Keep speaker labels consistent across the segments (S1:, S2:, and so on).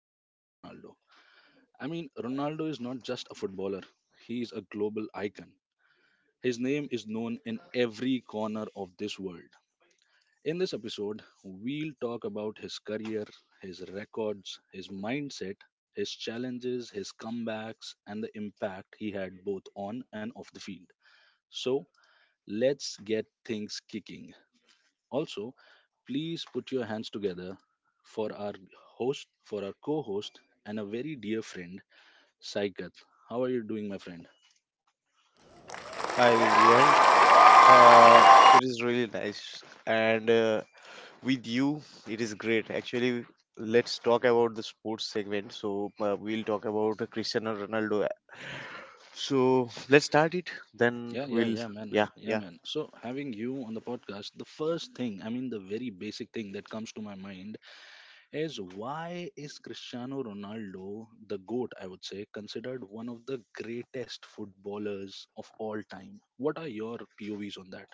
S1: Cristiano Ronaldo. I mean, Ronaldo is not just a footballer, he is a global icon. His name is known in every corner of this world. In this episode, we'll talk about his career, his records, his mindset, his challenges, his comebacks, and the impact he had both on and off the field. So let's get things kicking. Also, please put your hands together for our host, for our co-host, and a very dear friend, Saikat. How are you doing, my friend?
S2: Hi Vivian. Uh, it is really nice, and with you, it is great. Actually, let's talk about the sports segment. So we'll talk about Cristiano Ronaldo. So let's start it. Then
S1: Yeah, yeah,
S2: we'll
S1: yeah, man.
S2: yeah
S1: Yeah,
S2: yeah.
S1: man. So having you on the podcast, the first thing, I mean, the very basic thing that comes to my mind is why is Cristiano Ronaldo, the GOAT, I would say, considered one of the greatest footballers of all time? What are your POVs on that?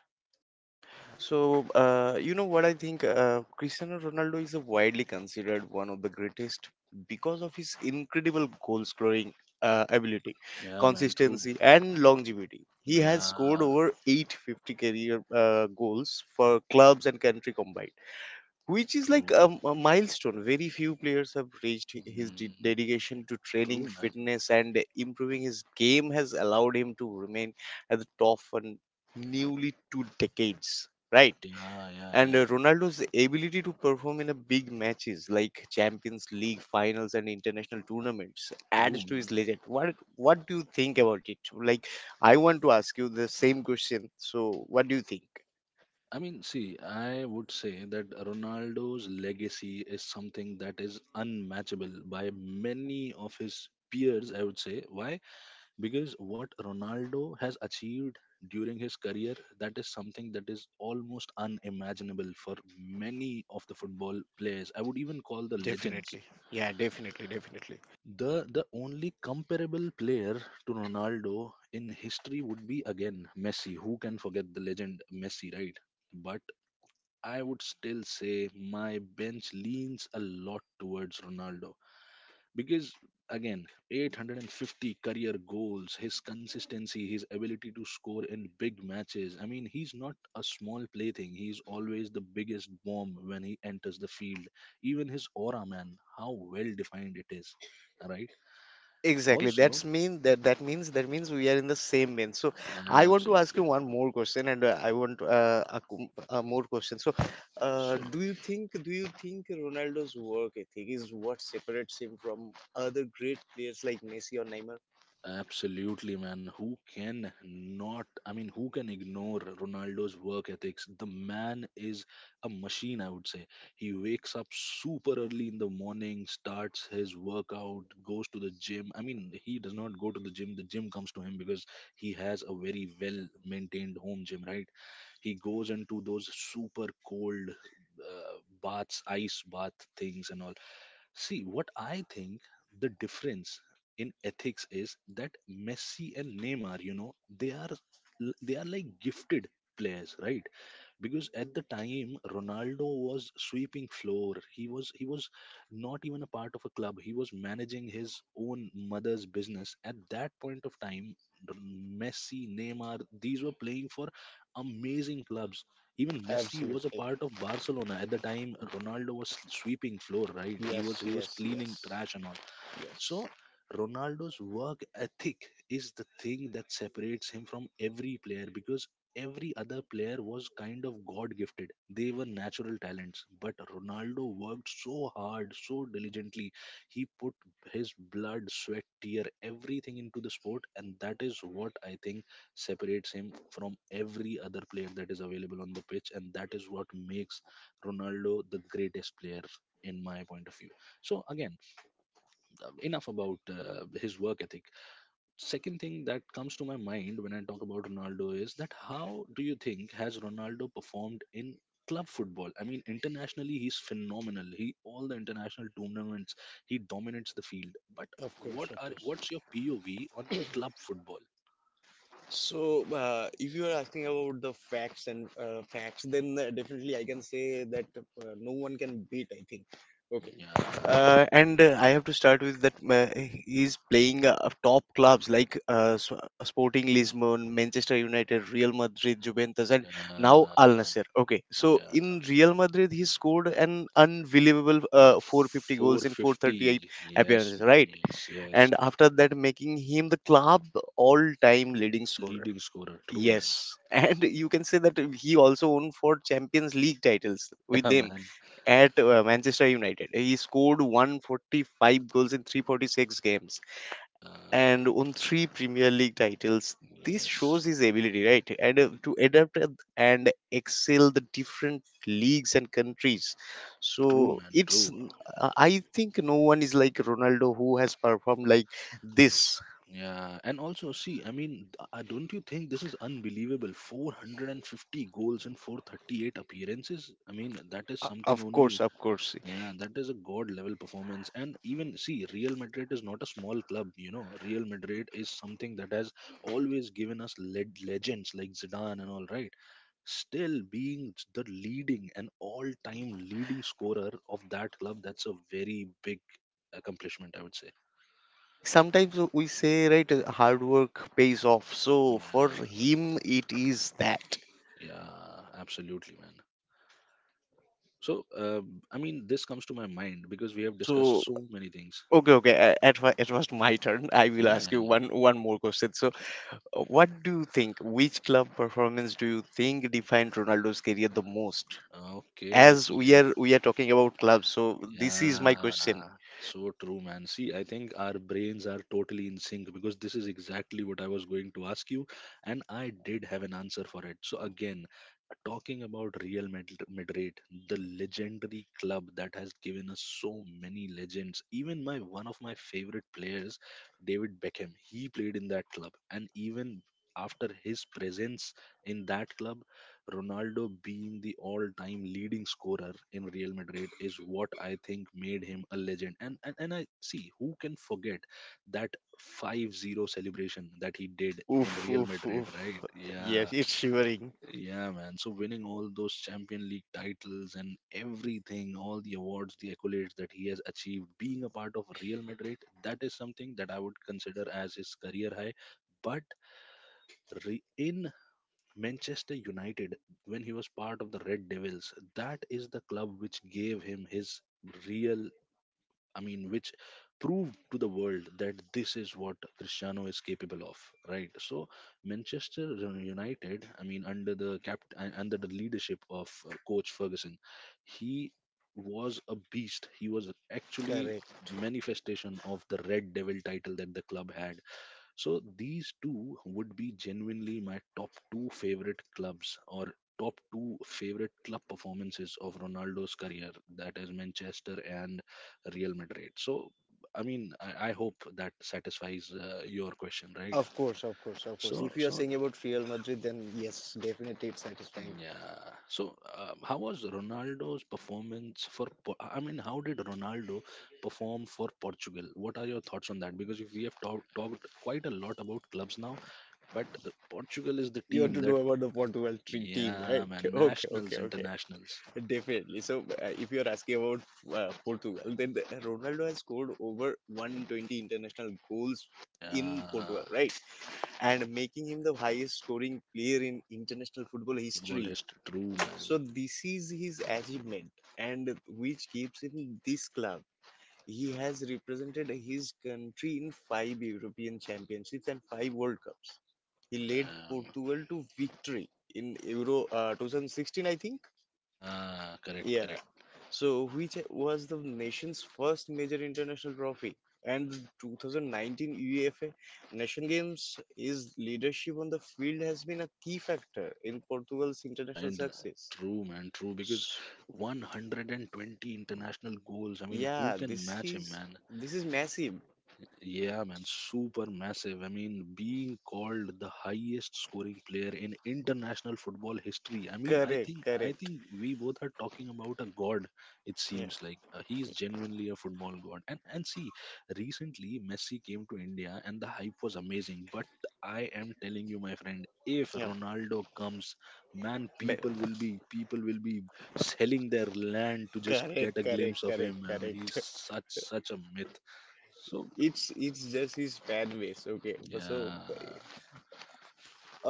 S2: So, you know what I think? Cristiano Ronaldo is widely considered one of the greatest because of his incredible goal scoring ability,
S1: Yeah, man, true.
S2: consistency, and longevity. He has scored
S1: Yeah,
S2: over 850 career goals for clubs and country combined, which is like
S1: true.
S2: a milestone. Very few players have reached his
S1: Mm,
S2: dedication to training,
S1: true, man.
S2: fitness, and improving his game has allowed him to remain at the top for nearly two decades. Right.
S1: Yeah, yeah,
S2: And
S1: yeah.
S2: Ronaldo's ability to perform in a big matches like Champions League finals and international tournaments adds
S1: True,
S2: to his
S1: man.
S2: legend. What do you think about it? Like I want to ask you the same question. So what do you think?
S1: I mean, see, I would say that Ronaldo's legacy is something that is unmatchable by many of his peers, I would say. Why? Because what Ronaldo has achieved during his career, that is something that is almost unimaginable for many of the football players. I would even call the legends.
S2: Definitely. Yeah, definitely, definitely.
S1: The only comparable player to Ronaldo in history would be again Messi. Who can forget the legend Messi, right? But I would still say my bench leans a lot towards Ronaldo because again 850 career goals, his consistency, his ability to score in big matches. I mean, he's not a small plaything. He's always the biggest bomb when he enters the field. Even his aura, man, how well defined it is, right?
S2: Exactly.
S1: Also,
S2: That's mean that that means we are in the same vein. So I want to ask
S1: absolutely.
S2: you one more question, and I want a more question. So,
S1: Sure.
S2: do you think Ronaldo's work ethic is what separates him from other great players like Messi or Neymar?
S1: Absolutely, man. Who can not, I mean, who can ignore Ronaldo's work ethics? The man is a machine, I would say. He wakes up super early in the morning, starts his workout, goes to the gym. I mean, he does not go to the gym comes to him because he has a very well maintained home gym, right? He goes into those super cold baths, ice bath things, and all. See, what I think the difference in ethics is that Messi and Neymar, you know, they are like gifted players, right? Because at the time Ronaldo was sweeping floor. He was not even a part of a club. He was managing his own mother's business at that point of time. Messi, Neymar, these were playing for amazing clubs. Even Messi was a
S2: Absolutely.
S1: part of Barcelona at the time. Ronaldo was sweeping floor, right? He was
S2: Yes,
S1: he was
S2: yes,
S1: cleaning
S2: yes,
S1: trash and all.
S2: yes.
S1: So Ronaldo's work ethic is the thing that separates him from every player, because every other player was kind of god gifted, they were natural talents, but Ronaldo worked so hard, so diligently. He put his blood, sweat, tear, everything into the sport, and that is what I think separates him from every other player that is available on the pitch, and that is what makes Ronaldo the greatest player in my point of view. So again, enough about his work ethic. Second thing that comes to my mind when I talk about Ronaldo is that how do you think has Ronaldo performed in club football? I mean, internationally he's phenomenal. He all the international tournaments he dominates the field. But
S2: Of course, of course.
S1: what's your POV on club football?
S2: So, if you are asking about the facts and facts, then definitely I can say that no one can beat. I think. Okay.
S1: Yeah,
S2: And I have to start with that he's playing top clubs like Sporting Lisbon, Manchester United, Real Madrid, Juventus, and now
S1: yeah,
S2: Al Nasser. Okay, so
S1: yeah,
S2: in Real Madrid, he scored an unbelievable
S1: yeah.
S2: 450 goals in 438
S1: 450. Yes,
S2: appearances,
S1: man.
S2: right?
S1: Yes, yes.
S2: And after that, making him the club all-time leading scorer.
S1: Leading scorer. True, man.
S2: Yes, and you can say that he also won four Champions League titles with
S1: Yeah,
S2: them
S1: man.
S2: at Manchester United. He scored 145 goals in 346 games
S1: Yeah.
S2: and won three Premier League titles. This
S1: Yes,
S2: shows his ability, right? And to adapt and excel the different leagues and countries.
S1: true,
S2: So
S1: man, true.
S2: I think no one is like Ronaldo who has performed like this.
S1: Yeah, and also, see, I mean, don't you think this is unbelievable? 450 goals and 438 appearances. I mean, that is something
S2: Of course,
S1: only.
S2: of course.
S1: Yeah, that is a god level performance. And even, see, Real Madrid is not a small club, you know. Real Madrid is something that has always given us led legends like Zidane and all, right? Still being the leading and all time leading scorer of that club, that's a very big accomplishment, I would say.
S2: Like sometimes we say, right, hard work pays off. So for
S1: Yeah,
S2: him, it is that.
S1: yeah, absolutely, man. So, I mean, this comes to my mind because we have
S2: So
S1: discussed so many things.
S2: okay, okay. At it was my turn. I will
S1: Yeah,
S2: ask
S1: yeah,
S2: you
S1: yeah.
S2: one more question. So, what do you think? Which club performance do you think defined Ronaldo's career the most?
S1: Okay,
S2: As we
S1: okay.
S2: are we are talking about clubs, so this is my question.
S1: Yeah, so true, man. See, I think our brains are totally in sync because this is exactly what I was going to ask you, and I did have an answer for it. So, again, talking about Real Madrid, Madrid, the legendary club that has given us so many legends. Even my one of my favorite players, David Beckham, he played in that club, and even after his presence in that club, Ronaldo being the all-time leading scorer in Real Madrid is what I think made him a legend. And I see who can forget that 5-0 celebration that he did in
S2: Oof,
S1: Real
S2: oof,
S1: Madrid, right?
S2: oof. Yes,
S1: Yeah.
S2: it's shivering.
S1: Yeah, man. So winning all those Champion League titles and everything, all the awards, the accolades that he has achieved, being a part of Real Madrid, that is something that I would consider as his career high. But in Manchester United when he was part of the Red Devils. That is the club which gave him his real, I mean, which proved to the world that this is what Cristiano is capable of, right? So Manchester United, I mean, under the cap, under the leadership of Coach Ferguson, he was a beast. He was actually
S2: Correct.
S1: manifestation of the Red Devil title that the club had. So these two would be genuinely my top two favorite clubs or top two favorite club performances of Ronaldo's career. That is Manchester and Real Madrid. So I mean, I hope that satisfies your question, right?
S2: Of course, of course, of course.
S1: So
S2: If you are
S1: so
S2: saying about Real Madrid, then yes, definitely it's satisfying.
S1: yeah. So how was Ronaldo's performance for? I mean, how did Ronaldo perform for Portugal? What are your thoughts on that? Because if we have talked quite a lot about clubs now. But Portugal is the
S2: You want
S1: team
S2: to
S1: that,
S2: know about the Portugal team,
S1: yeah,
S2: right?
S1: man,
S2: Okay,
S1: nationals,
S2: okay, okay.
S1: internationals.
S2: Definitely. So, if you're asking about Portugal, then Ronaldo has scored over 120 international goals in Portugal,
S1: Yeah,
S2: right? And making him the highest scoring player in international football
S1: football
S2: history.
S1: history, true,
S2: So,
S1: man.
S2: this is his achievement, and which keeps him in this club. He has represented his country in five European championships and five World Cups. He led
S1: Damn.
S2: Portugal to victory in Euro 2016, I think.
S1: Yeah, correct,
S2: Yeah,
S1: correct.
S2: so, which was the nation's first major international trophy and the 2019 UEFA Nation Games. His leadership on the field has been a key factor in Portugal's
S1: Uh,
S2: international
S1: inter-
S2: success.
S1: True, man, true. Because
S2: S-
S1: 120 international goals, I mean, who
S2: Yeah,
S1: can
S2: this
S1: match him,
S2: is
S1: man?
S2: this is massive.
S1: Yeah, man, super massive. I mean, being called the highest scoring player in international football history. I mean,
S2: Correct,
S1: I
S2: correct.
S1: think we both are talking about a god. It
S2: Yeah,
S1: seems like he is genuinely a football god. And see, recently Messi came to India and the hype was amazing. But I am telling you, my friend, if
S2: yeah.
S1: Ronaldo comes, man,
S2: Be-
S1: people will be selling their land to just
S2: Correct,
S1: get a
S2: correct,
S1: glimpse of
S2: correct,
S1: him. He's
S2: correct.
S1: such a myth. So
S2: It's just his fan base. Okay, but so
S1: yeah,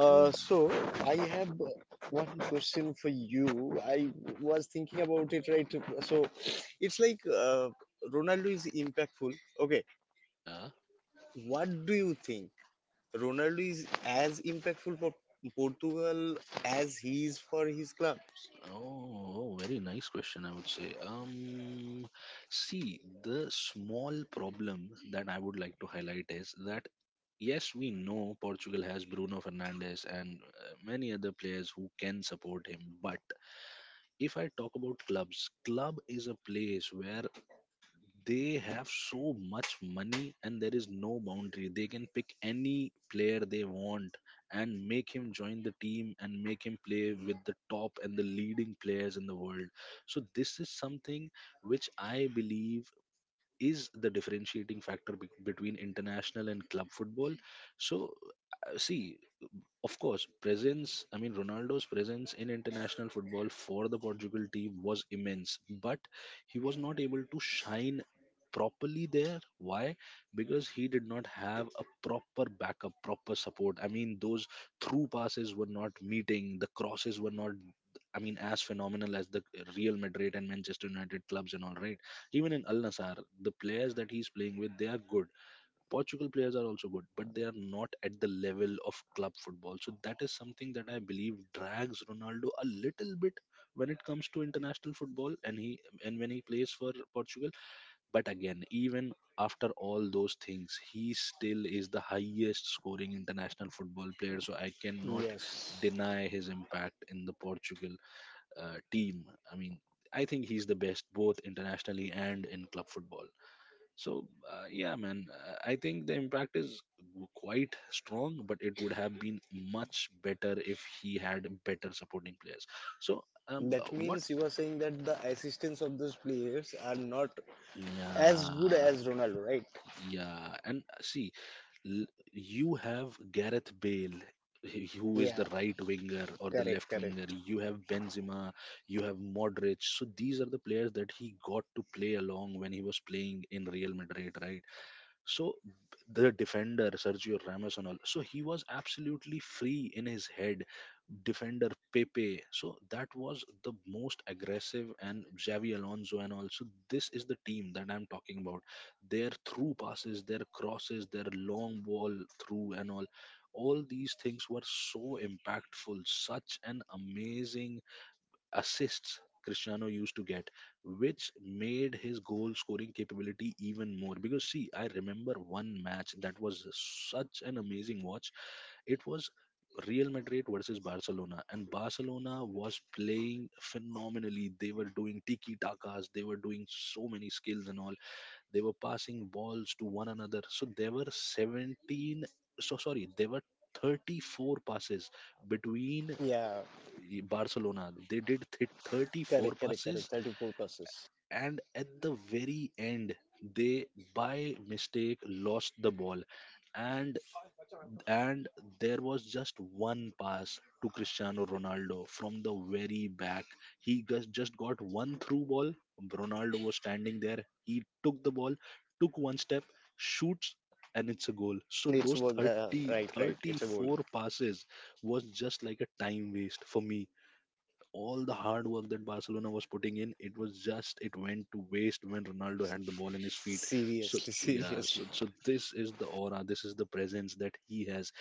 S1: true, man.
S2: so I have one question for you. I was thinking about it, right? So it's like Ronaldo is impactful. Okay,
S1: Yeah.
S2: what do you think? Ronaldo is as impactful for Portugal as he is for his club.
S1: Oh, oh, very nice question, I would say. See, the small problem that I would like to highlight is that yes, we know Portugal has Bruno Fernandes and many other players who can support him, but if I talk about clubs, club is a place where they have so much money and there is no boundary, they can pick any player they want and make him join the team and make him play with the top and the leading players in the world. So this is something which I believe is the differentiating factor between international and club football. So see, of course, presence, I mean, Ronaldo's presence in international football for the Portugal team was immense, but he was not able to shine properly there. Why? Because he did not have a proper backup, proper support. I mean, those through passes were not meeting, the crosses were not. I mean, as phenomenal as the Real Madrid and Manchester United clubs and all, right? Even in Al Nassr, the players that he's playing with, they are good. Portugal players are also good, but they are not at the level of club football. So that is something that I believe drags Ronaldo a little bit when it comes to international football and he and when he plays for Portugal. But again, even after all those things, he still is the highest scoring international football player. So I cannot
S2: Yes.
S1: deny his impact in the Portugal team. I mean, I think he's the best both internationally and in club football. So yeah, man, I think the impact is quite strong, but it would have been much better if he had better supporting players. So
S2: That
S1: what?
S2: means you are saying that the assistants of those players are not as good
S1: Yeah,
S2: as Ronaldo, right?
S1: yeah, and see, l- you have Gareth Bale. Who is
S2: Yeah,
S1: the right winger or the
S2: correct,
S1: left winger?
S2: correct.
S1: You have Benzema, you have Modric. So these are the players that he got to play along when he was playing in Real Madrid, right? So the defender Sergio Ramos and all. So he was absolutely free in his head. Defender Pepe. So that was the most aggressive and Xavi Alonso and all. So this is the team that I'm talking about. Their through passes, their crosses, their long ball through and all. All these things were so impactful. Such an amazing assists Cristiano used to get, which made his goal scoring capability even more. Because, see, I remember one match that was such an amazing watch. It was Real Madrid versus Barcelona, and Barcelona was playing phenomenally. They were doing tiki takas, they were doing so many skills and all. They were passing balls to one another. So, there were 17, so sorry, there were 34 passes between
S2: Yeah,
S1: Barcelona. They did 34
S2: correct, correct, correct.
S1: passes,
S2: 34 passes.
S1: and at the very end, they by mistake lost the ball, and and there was just one pass to Cristiano Ronaldo from the very back. He just got one through ball. Ronaldo was standing there. He took the ball, took one step, shoots. And it's a goal. So
S2: And it's
S1: those
S2: work
S1: 30,
S2: right right it's a goal.
S1: 34 passes was just like a time waste for me. All the hard work that Barcelona was putting in, it was just it went to waste when Ronaldo had the ball in his feet. So
S2: Seriously.
S1: yeah, so
S2: Seriously,
S1: so this is the aura, this is the presence that he has.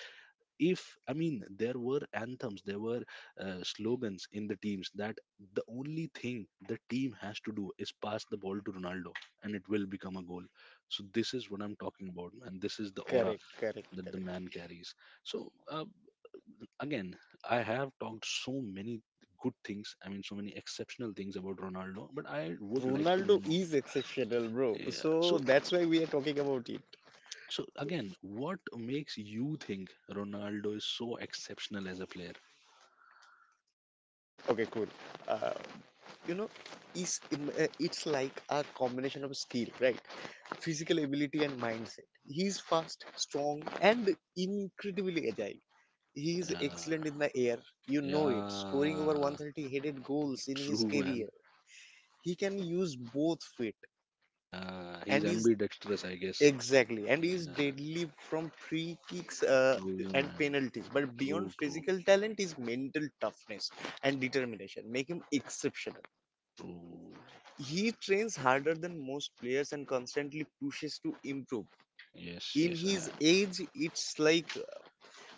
S1: If I mean, there were anthems, there were slogans in the teams that the only thing the team has to do is pass the ball to Ronaldo, and it will become a goal. So this is what I'm talking about, man. This is the aura
S2: correct, correct,
S1: that the
S2: correct.
S1: man carries. So. uh, Again, I have talked so many good things. I mean, so many exceptional things about Ronaldo. But I would like to
S2: Ronaldo
S1: know.
S2: is exceptional, bro,
S1: Yeah,
S2: so
S1: so,
S2: that's why we are talking about it.
S1: so again, what makes you think Ronaldo is so exceptional as a player?
S2: Okay, cool. uh, you know it's like a combination of skill, right, physical ability and mindset. He's fast, strong, and incredibly agile. He is
S1: Yeah,
S2: excellent in the air, you know, it scoring over
S1: yeah,
S2: 130 headed goals in his
S1: true man.
S2: career. He can use both feet
S1: Yeah, he's
S2: and is
S1: ambidextrous, I guess.
S2: exactly, and is
S1: Yeah,
S2: deadly from free kicks
S1: true
S2: and
S1: man.
S2: penalties. But
S1: True,
S2: beyond
S1: true,
S2: physical talent is mental toughness and determination. Make him exceptional.
S1: true.
S2: He trains harder than most players and constantly pushes to improve.
S1: Yes,
S2: In
S1: yes.
S2: his
S1: I,
S2: age, it's like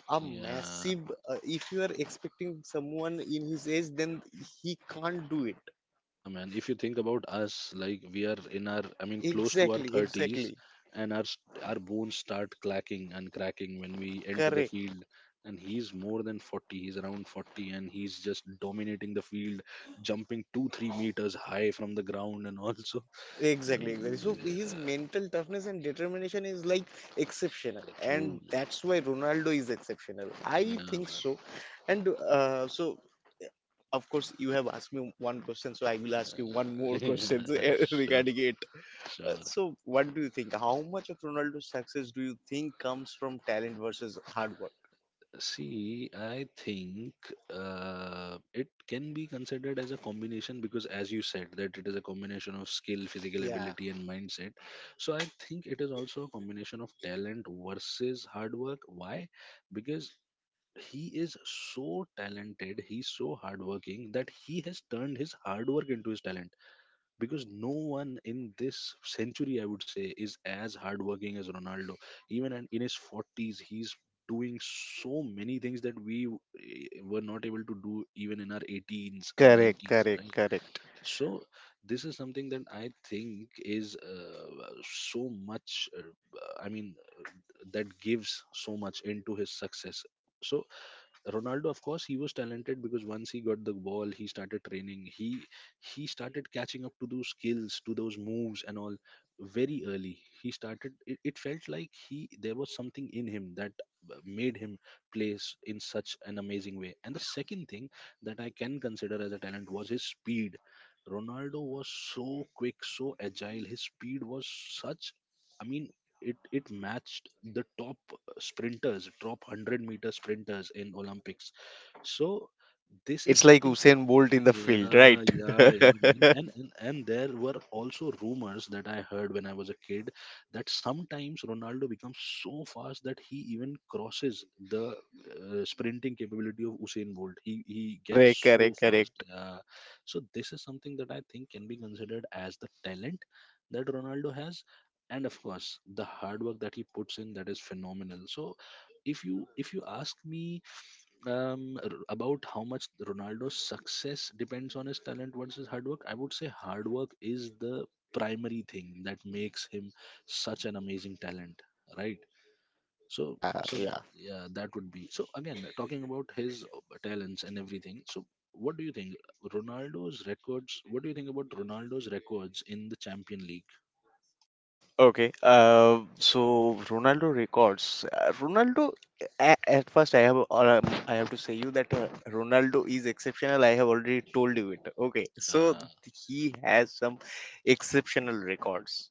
S2: a
S1: yeah.
S2: massive. If you are expecting someone in his age, then he can't do it.
S1: Yeah, man. If you think about us, like we are in our, I mean, close to our
S2: Exactly,
S1: thirties,
S2: exactly.
S1: and our our bones start clacking and cracking when we enter the
S2: Correct.
S1: field. And he's more than 40. He's around 40, and he's just dominating the field, jumping 2 3 meters high from the ground, and also.
S2: Exactly, exactly. So
S1: Yeah,
S2: his mental toughness and determination is like exceptional, and
S1: truly.
S2: that's why Ronaldo is exceptional.
S1: Yeah,
S2: I think
S1: man.
S2: so. And of course, you have asked me one question, so I will ask you one more
S1: Yeah,
S2: question
S1: sure,
S2: regarding it.
S1: sure.
S2: What do you think? How much of Ronaldo's success do you think comes from talent versus hard work?
S1: See, I think it can be considered as a combination because, as you said, that it is a combination of skill, physical
S2: Yeah,
S1: ability, and mindset. So, I think it is also a combination of talent versus hard work. Why? Because he is so talented, he's so hardworking that he has turned his hard work into his talent, because no one in this century I would say is as hardworking as Ronaldo. Even and in his 40s he's doing so many things that we were not able to do even in our 18s or
S2: correct,
S1: 19s,
S2: correct,
S1: right?
S2: correct.
S1: So this is something that I think is so much, I mean, that gives so much into his success. So Ronaldo, of course, he was talented because once he got the ball, he started training. He started catching up to those skills, to those moves, and all very early. He started. It felt like he there was something in him that made him play in such an amazing way. And the second thing that I can consider as a talent was his speed. Ronaldo was so quick, so agile. His speed was such. I mean, it matched the top sprinters, top 100 meter sprinters in Olympics. So, this is
S2: It's like
S1: something.
S2: Usain Bolt in the field,
S1: Yeah,
S2: right?
S1: yeah, yeah, man. And, and there were also rumors that I heard when I was a kid that sometimes Ronaldo becomes so fast that he even crosses the sprinting capability of Usain Bolt. He gets
S2: Correct,
S1: so
S2: correct,
S1: fast.
S2: correct.
S1: Yeah. So this is something that I think can be considered as the talent that Ronaldo has. And of course, the hard work that he puts in that is phenomenal. So, if you ask me, about how much Ronaldo's success depends on his talent versus hard work, I would say hard work is the primary thing that makes him such an amazing talent, right? So,
S2: Yeah,
S1: so
S2: yeah.
S1: yeah, that would be. So again, talking about his talents and everything. So, what do you think Ronaldo's records? What do you think about Ronaldo's records in the Champion League?
S2: Okay, so Ronaldo records. Ronaldo, at first, I have to say you that Ronaldo is exceptional. I have already told you it. Okay, so
S1: Yeah,
S2: he has some exceptional records.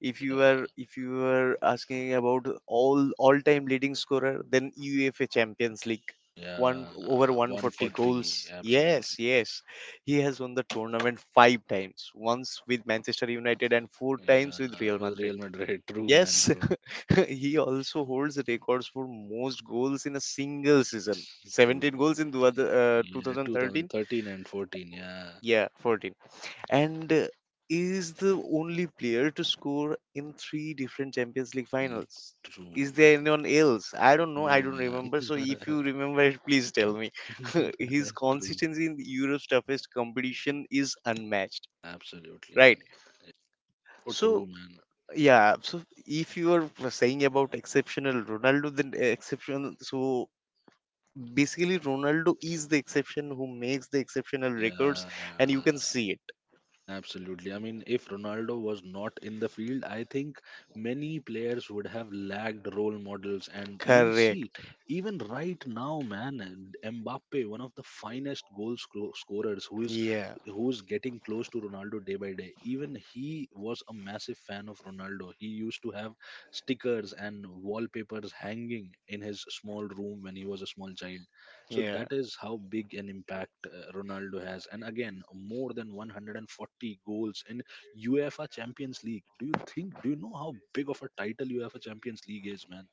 S2: If you are
S1: yeah,
S2: if you are asking about all time leading scorer, then UEFA Champions League, one
S1: yeah.
S2: over
S1: One
S2: 140
S1: forty,
S2: goals. Yes,
S1: absolutely.
S2: yes, he has won the tournament five times, once with Manchester United and four times with
S1: Yeah,
S2: Real
S1: with
S2: Madrid.
S1: Real Madrid, true man,
S2: Yes,
S1: true.
S2: he also holds the records for most goals in a single season.
S1: True.
S2: 17 goals in two
S1: Yeah,
S2: 2013,
S1: 2013 and 14. Yeah,
S2: yeah, 14. And is the only player to score in three different Champions League
S1: been
S2: finals.
S1: true,
S2: Is there
S1: man.
S2: anyone
S1: True.
S2: else? I don't know. I
S1: No,
S2: don't remember. So if
S1: man.
S2: you remember it, please tell me. His
S1: True.
S2: consistency in Europe's toughest competition is unmatched,
S1: Absolutely,
S2: right?
S1: man. So
S2: So
S1: true, man.
S2: yeah, so if you are saying about exceptional Ronaldo, then exceptional. So basically, Ronaldo is the exception who makes the exceptional records,
S1: Yeah.
S2: and you can see it.
S1: Absolutely. I mean, if Ronaldo was not in the field, I think many players would have lacked role models. And I mean, see,
S2: Correct.
S1: even right now, man, and Mbappe, one of the finest goal scorers,
S2: Yeah,
S1: who is getting close to Ronaldo day by day. Even he was a massive fan of Ronaldo. He used to have stickers and wallpapers hanging in his small room when he was a small child. So
S2: yeah,
S1: that is how big an impact Ronaldo has. And again, more than 140 goals in UEFA Champions League. Do you think, do you know how big of a title UEFA Champions League is, man?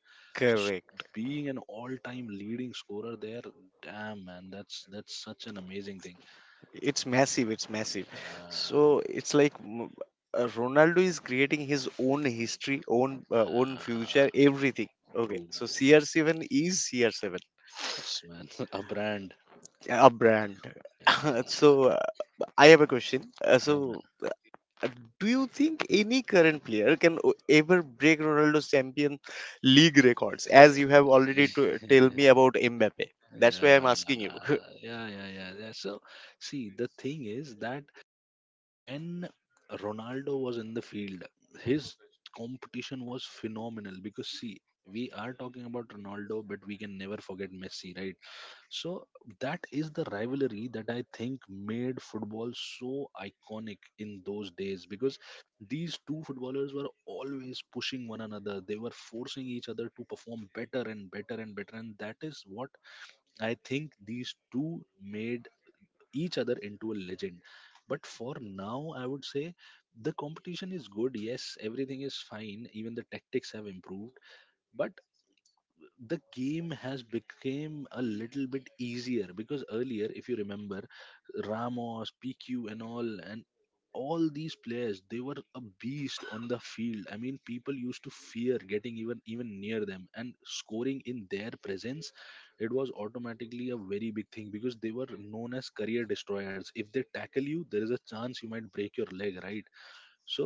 S1: So s-
S2: correct.
S1: being an all-time leading scorer there, damn, man, that's such an amazing thing.
S2: It's massive. It's massive.
S1: Uh,
S2: So it's like Ronaldo is creating his own history, own own
S1: uh,
S2: future, everything. Okay,
S1: true,
S2: so
S1: true.
S2: CR7 is CR7,
S1: Yes, man, a brand.
S2: a brand.
S1: Yeah,
S2: So I have a question.
S1: yeah, man.
S2: Uh, Do you think any current player can ever break Ronaldo's champion league records? As you have already to tell me about Mbappe. That's why I'm
S1: Yeah,
S2: asking you.
S1: yeah, yeah, yeah, yeah. So, see, the thing is that when Ronaldo was in the field, his competition was phenomenal because, see, we are talking about Ronaldo, but we can never forget Messi, right? So, that is the rivalry that I think made football so iconic in those days because these two footballers were always pushing one another. They were forcing each other to perform better and better and better. And that is what I think these two made each other into a legend. But for now, I would say the competition is good. Yes, everything is fine. Even the tactics have improved. But the game has become a little bit easier because earlier if you remember Ramos, PQ, and all these players, they were a beast on the field. I mean, people used to fear getting even near them, and scoring in their presence it was automatically a very big thing because they were known as career destroyers. If they tackle you, there is a chance you might break your leg, right? So,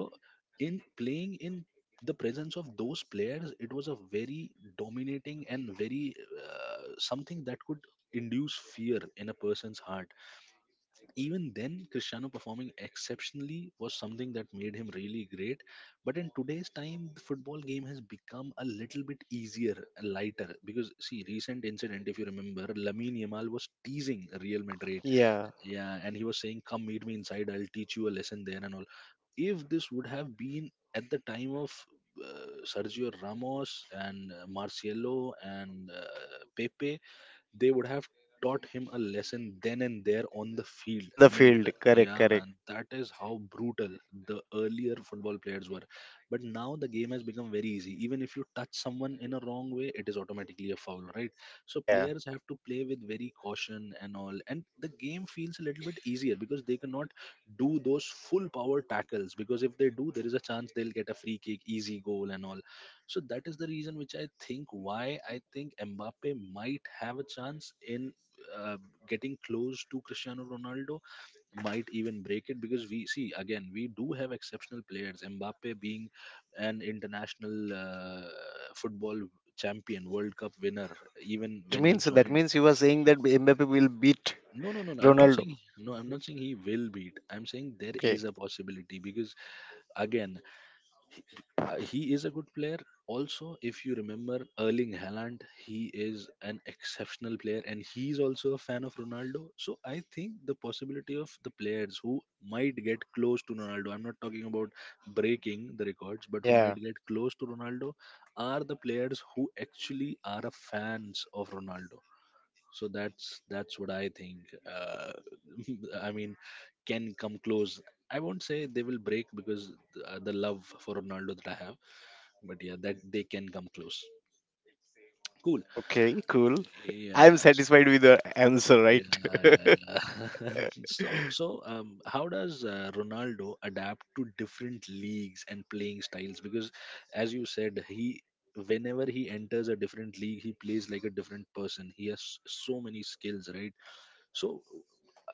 S1: in playing in the presence of those players, it was a very dominating and very something that could induce fear in a person's heart. Even then, Cristiano performing exceptionally was something that made him really great. But in today's time, the football game has become a little bit easier, lighter. Because, see, recent incident, if you remember, Lamine Yamal was teasing Real Madrid.
S2: Yeah,
S1: Yeah, and he was saying, come meet me inside, I'll teach you a lesson there and all. If this would have been at the time of Sergio Ramos and Marcelo and Pepe, they would have taught him a lesson then and there on the field.
S2: in the
S1: I mean,
S2: field, correct,
S1: yeah,
S2: correct.
S1: man, that is how brutal the earlier football players were. But now the game has become very easy. Even if you touch someone in a wrong way, it is automatically a foul, right? So
S2: Yeah,
S1: players have to play with very caution and all, and the game feels a little bit easier because they cannot do those full power tackles, because if they do there is a chance they'll get a free kick, easy goal, and all. So that is the reason which I think, why I think Mbappe might have a chance in uh, getting close to Cristiano Ronaldo, might even break it. Because we see, again, we do have exceptional players. Mbappe being an international football champion, World Cup winner, even
S2: that
S1: when he
S2: means that
S1: joined.
S2: means you are saying that Mbappe will beat
S1: No, no, no, no. I'm not
S2: Ronaldo.
S1: saying no. I'm not saying he will beat. I'm saying there
S2: Okay.
S1: is a possibility because again he is a good player. Also, if you remember Erling Haaland, he is an exceptional player and he is also a fan of Ronaldo. So I think the possibility of the players who might get close to Ronaldo, I'm not talking about breaking the records, but who
S2: Yeah.
S1: might get close to Ronaldo are the players who actually are a fans of Ronaldo. So that's what I think. I mean, can come close. I won't say they will break because the love for Ronaldo that I have, but yeah, that they can come close. Cool.
S2: Okay. Cool.
S1: Yes,
S2: I'm
S1: yeah,
S2: satisfied with the answer, right?
S1: yeah, yeah, yeah. So how does ronaldo adapt to different leagues and playing styles because as you said he whenever he enters a different league he plays like a different person he has so many skills right so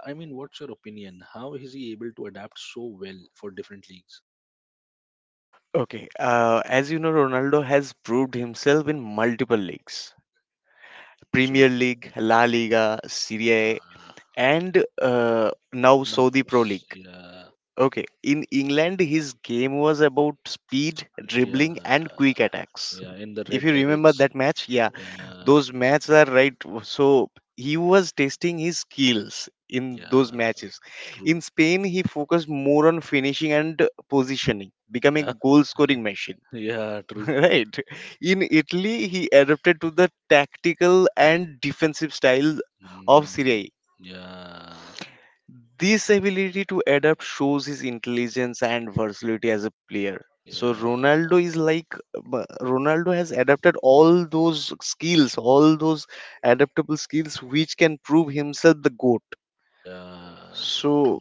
S1: what's your opinion how is he able to adapt so well for different leagues?
S2: Okay. As you know, Ronaldo has proved himself in multiple leagues: Premier
S1: Absolutely.
S2: League, La Liga, Serie A,
S1: Yeah,
S2: and now
S1: now,
S2: Saudi Pro League.
S1: yeah.
S2: Okay, in England, his game was about speed,
S1: Yeah,
S2: dribbling, and quick attacks.
S1: yeah, in the
S2: If
S1: Red
S2: you remember
S1: Devils.
S2: that match, yeah,
S1: Yeah,
S2: those matches are right. So he was testing his skills in those
S1: yeah,
S2: matches. In
S1: true.
S2: Spain, he focused more on finishing and positioning, becoming
S1: Yeah,
S2: a goal scoring machine.
S1: yeah, true.
S2: Right. In Italy, he adapted to the tactical and defensive style of Serie
S1: Mm,
S2: A.
S1: yeah,
S2: This ability to adapt shows his intelligence and versatility as a player. So
S1: yeah,
S2: Ronaldo is like Ronaldo has adapted all those skills, all those adaptable skills which can prove himself the goat.
S1: yeah,
S2: So
S1: true.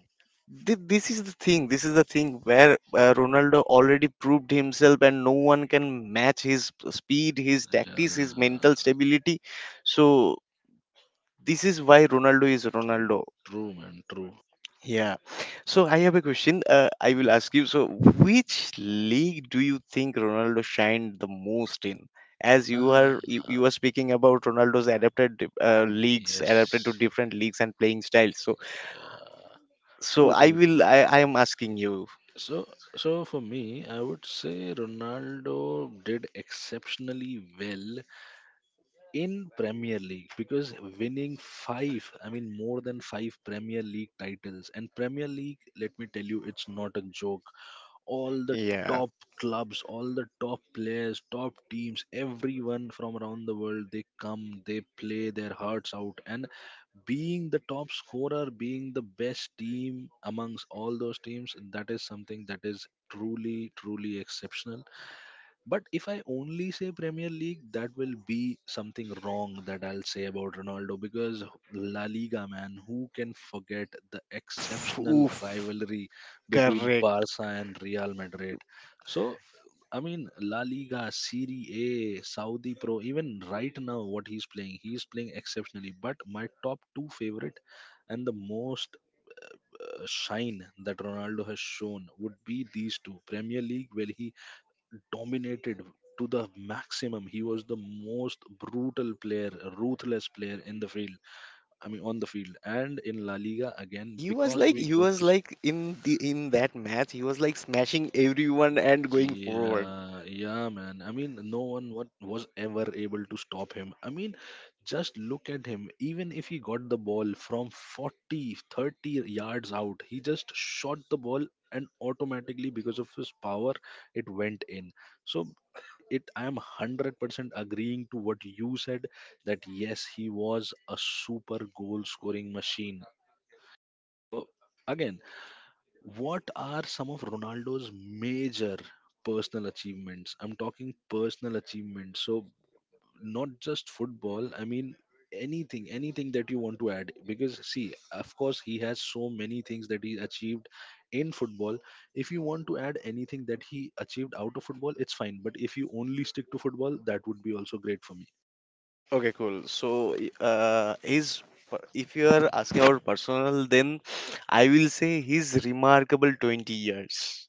S2: this is the thing. This is the thing where Ronaldo already proved himself, and no one can match his speed, his
S1: Yeah,
S2: tactics, his mental stability. So this is why Ronaldo is
S1: true,
S2: Ronaldo.
S1: true, man, true.
S2: Yeah. So I have a question. I will
S1: Yeah.
S2: ask you. So, which league do you think Ronaldo shined the most in? As you are you,
S1: Ah,
S2: you are speaking about Ronaldo's adapted leagues, adapted to
S1: yes.
S2: different leagues and playing styles. So,
S1: Yeah,
S2: so
S1: true,
S2: I
S1: true,
S2: will.
S1: true.
S2: I am asking you.
S1: So, so for me, I would say Ronaldo did exceptionally well in Premier League because winning five, I mean more than five Premier League titles. And Premier League, let me tell you, it's not a joke. All the
S2: Yeah.
S1: top clubs, all the top players, top teams, everyone from around the world, they come, they play their hearts out. And being the top scorer, being the best team amongst all those teams, that is something that is truly, truly exceptional. But if I only say Premier League, that will be something wrong that I'll say about Ronaldo because La Liga, man, who can forget the
S2: Oof.
S1: exceptional
S2: Oof.
S1: rivalry between
S2: Correct.
S1: Barca and Real Madrid? So, I mean, La Liga, Serie A, Saudi Pro, even right now, what he's playing exceptionally. But my top two favorite and the most shine that Ronaldo has shown would be these two: Premier League, where he dominated to the maximum. He was the most brutal player, ruthless player in the field. I mean, on the field, and in La Liga again,
S2: He was
S1: because
S2: like
S1: we
S2: he
S1: got to
S2: was
S1: see.
S2: like in the in that match. He was like smashing everyone and going forward.
S1: Yeah, yeah, man. I mean, no one what was ever able to stop him. I mean, just look at him. Even if he got the ball from 40, 30 yards out, he just shot the ball, and automatically, because of his power, it went in. So it I am 100% agreeing to what you said, that yes, he was a super goal scoring machine. So again, what are some of Ronaldo's major personal achievements? I'm talking personal achievements. So, not just football, I mean anything, anything that you want to add. Because, see, of course, he has so many things that he achieved in football. If you want to add anything that he achieved out of football, it's fine. But if you only stick to football, that would be also great for me.
S2: Okay, cool. So, his if you are asking about personal, then I will say his remarkable 20 years.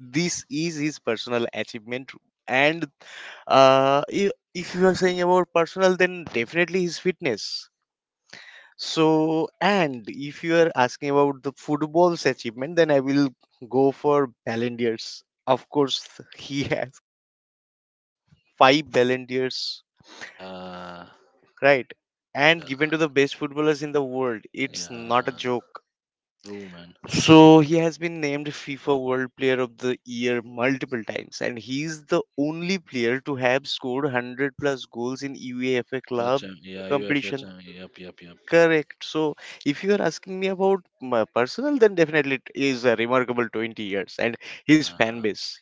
S2: This is his personal achievement. And uh, i- if you are saying about personal, then definitely his fitness. So, and if you are asking about the football's achievement, then I will go for Ballon d'Ors. Of course, he has five Ballon d'Ors,
S1: Yeah,
S2: right? And
S1: yeah,
S2: given to the best footballers in the world. It's not a
S1: yeah.
S2: joke.
S1: True, man.
S2: So he has been named FIFA World Player of the Year multiple times, and he's the only player to have scored 100 plus goals in UEFA
S1: UEFA
S2: club
S1: champ. Yeah, UEFA
S2: competition.
S1: champ. Yep, yep, yep.
S2: Correct. So if you are asking me about my personal, then definitely it is a remarkable 20 years and his fan
S1: Yeah.
S2: base.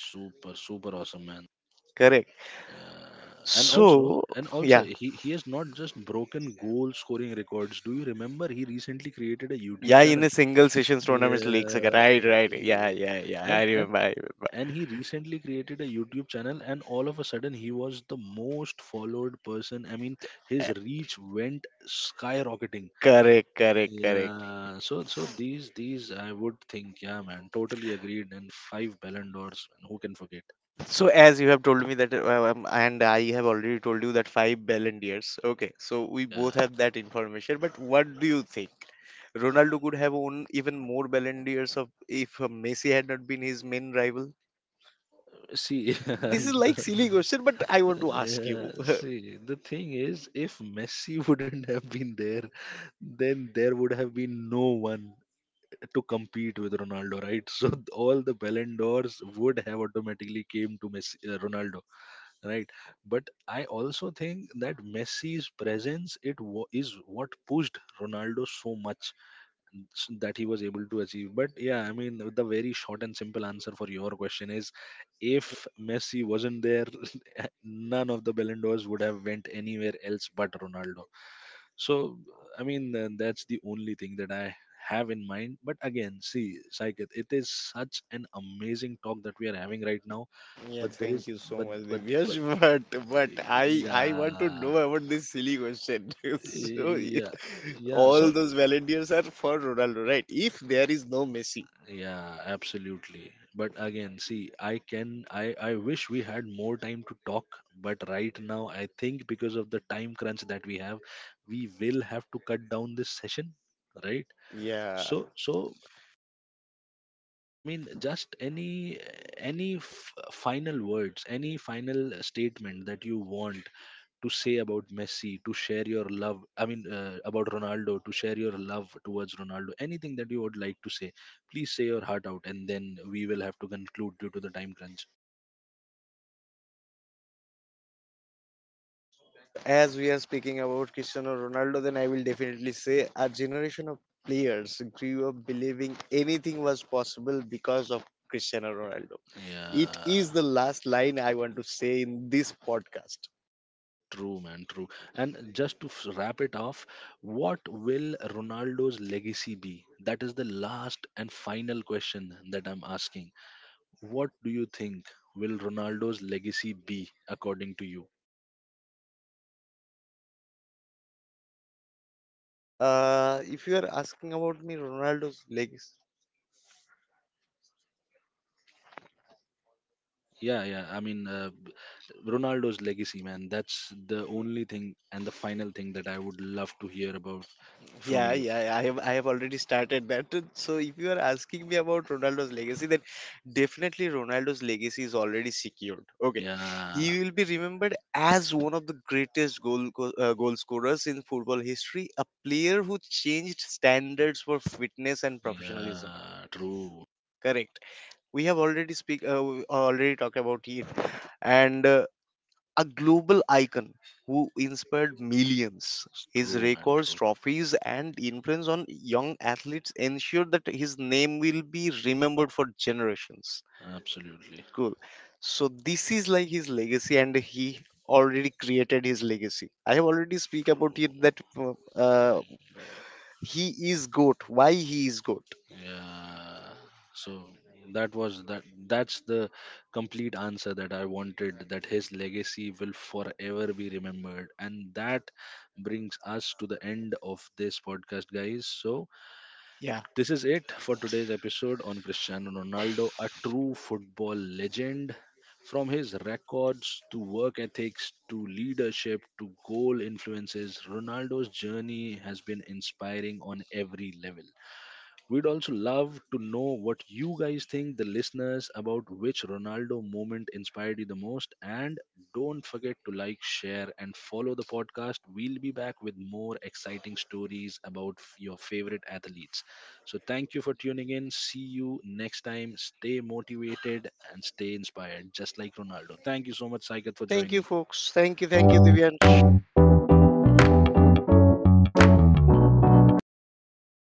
S1: Super, super awesome, man.
S2: Correct.
S1: And also,
S2: So
S1: and also,
S2: yeah,
S1: he has not just broken goal scoring records. Do you remember he recently created a YouTube
S2: yeah, in
S1: channel?
S2: a single sessions tournaments leagues. Okay,
S1: Yeah,
S2: right, right. Yeah,
S1: eh,
S2: yeah, yeah. I
S1: and and
S2: remember. I remember.
S1: and he recently created a YouTube channel, and all of a sudden he was the most followed person. I mean, his reach went skyrocketing.
S2: Correct, correct, correct.
S1: Yeah, so so these I would think, yeah, man, totally agreed. And five Ballon d'Ors, who can forget?
S2: So as you have told me that, and I have already told you that five Ballon d'Ors. Okay, so we both
S1: Yeah.
S2: have that information. But what do you think? Ronaldo could have won even more Ballon d'Ors of if Messi had not been his main rival.
S1: See,
S2: This
S1: and
S2: is like
S1: the,
S2: silly question, but I want to ask
S1: yeah,
S2: you.
S1: see, the thing is, if Messi wouldn't have been there, then there would have been no one to compete with Ronaldo, right? So all the Ballon d'Ors would have automatically came to Ronaldo, right? But I also think that Messi's presence is what pushed Ronaldo so much that he was able to achieve. But yeah, I mean, the very short and simple answer for your question is if Messi wasn't there, none of the Ballon d'Ors would have went anywhere else but Ronaldo. So, I mean, that's the only thing that I have in mind. But again, see, Saket, it is such an amazing talk that we are having right now.
S2: Yeah,
S1: But there
S2: thank
S1: is,
S2: you so much, Divyash.
S1: but,
S2: But I want to
S1: yeah,
S2: know about this silly question. So
S1: yeah, yeah. So
S2: all those Ballon d'Ors are for Ronaldo, right? If there is no Messi.
S1: yeah, absolutely. But again, see, I wish we had more time to talk, but right now, I think because of the time crunch that we have, we will have to cut down this session, right?
S2: Yeah.
S1: So, so I mean, just any f final words, any final statement that you want to say about Messi, to share your love, I mean, about Ronaldo, to share your love towards Ronaldo, anything that you would like to say, please say your heart out, and then we will have to conclude due to the time crunch.
S2: So as we are speaking about Cristiano Ronaldo, then I will definitely say a generation of players grew up believing anything was possible because of Cristiano Ronaldo. It
S1: Yeah,
S2: is the last line I want to say in this podcast.
S1: true, man, true. And just to wrap it off, what will Ronaldo's legacy be? That is the last and final question that I'm asking. What do you think will Ronaldo's legacy be, according to you?
S2: If you are asking about me, Ronaldo's leg.
S1: Yeah, yeah. I mean, Ronaldo's legacy, man. That's the only thing and the final thing that I would love to hear about from
S2: Yeah,
S1: you.
S2: yeah, yeah, I have already started that. So if you are asking me about Ronaldo's legacy, then definitely Ronaldo's legacy is already secured. Okay, he
S1: Yeah,
S2: will be remembered as one of the greatest goal scorers in football history, a player who changed standards for fitness and professionalism.
S1: yeah. True.
S2: Correct. We already talked about it, and a global icon who inspired millions.
S1: It's
S2: His
S1: true, man.
S2: records,
S1: True.
S2: trophies, and influence on young athletes ensure that his name will be remembered for generations.
S1: Absolutely
S2: Cool. So this is like his legacy, and he already created his legacy. I have already speak
S1: true.
S2: about it that uh, he is goat. Why he is goat?
S1: Yeah. So that was that. That's the complete answer that I wanted, that his legacy will forever be remembered, and that brings us to the end of this podcast, guys. So
S2: Yeah.
S1: this is it for today's episode on Cristiano Ronaldo, a true football legend. From his records to work ethics to leadership to goal influences, Ronaldo's journey has been inspiring on every level. We'd also love to know what you guys think, the listeners, about which Ronaldo moment inspired you the most. And don't forget to like, share, and follow the podcast. We'll be back with more exciting stories about your favorite athletes. So thank you for tuning in. See you next time. Stay motivated and stay inspired, just like Ronaldo. Thank you so much, Saikat, for
S2: Thank you,
S1: joining.
S2: folks. Thank you, Divyansh.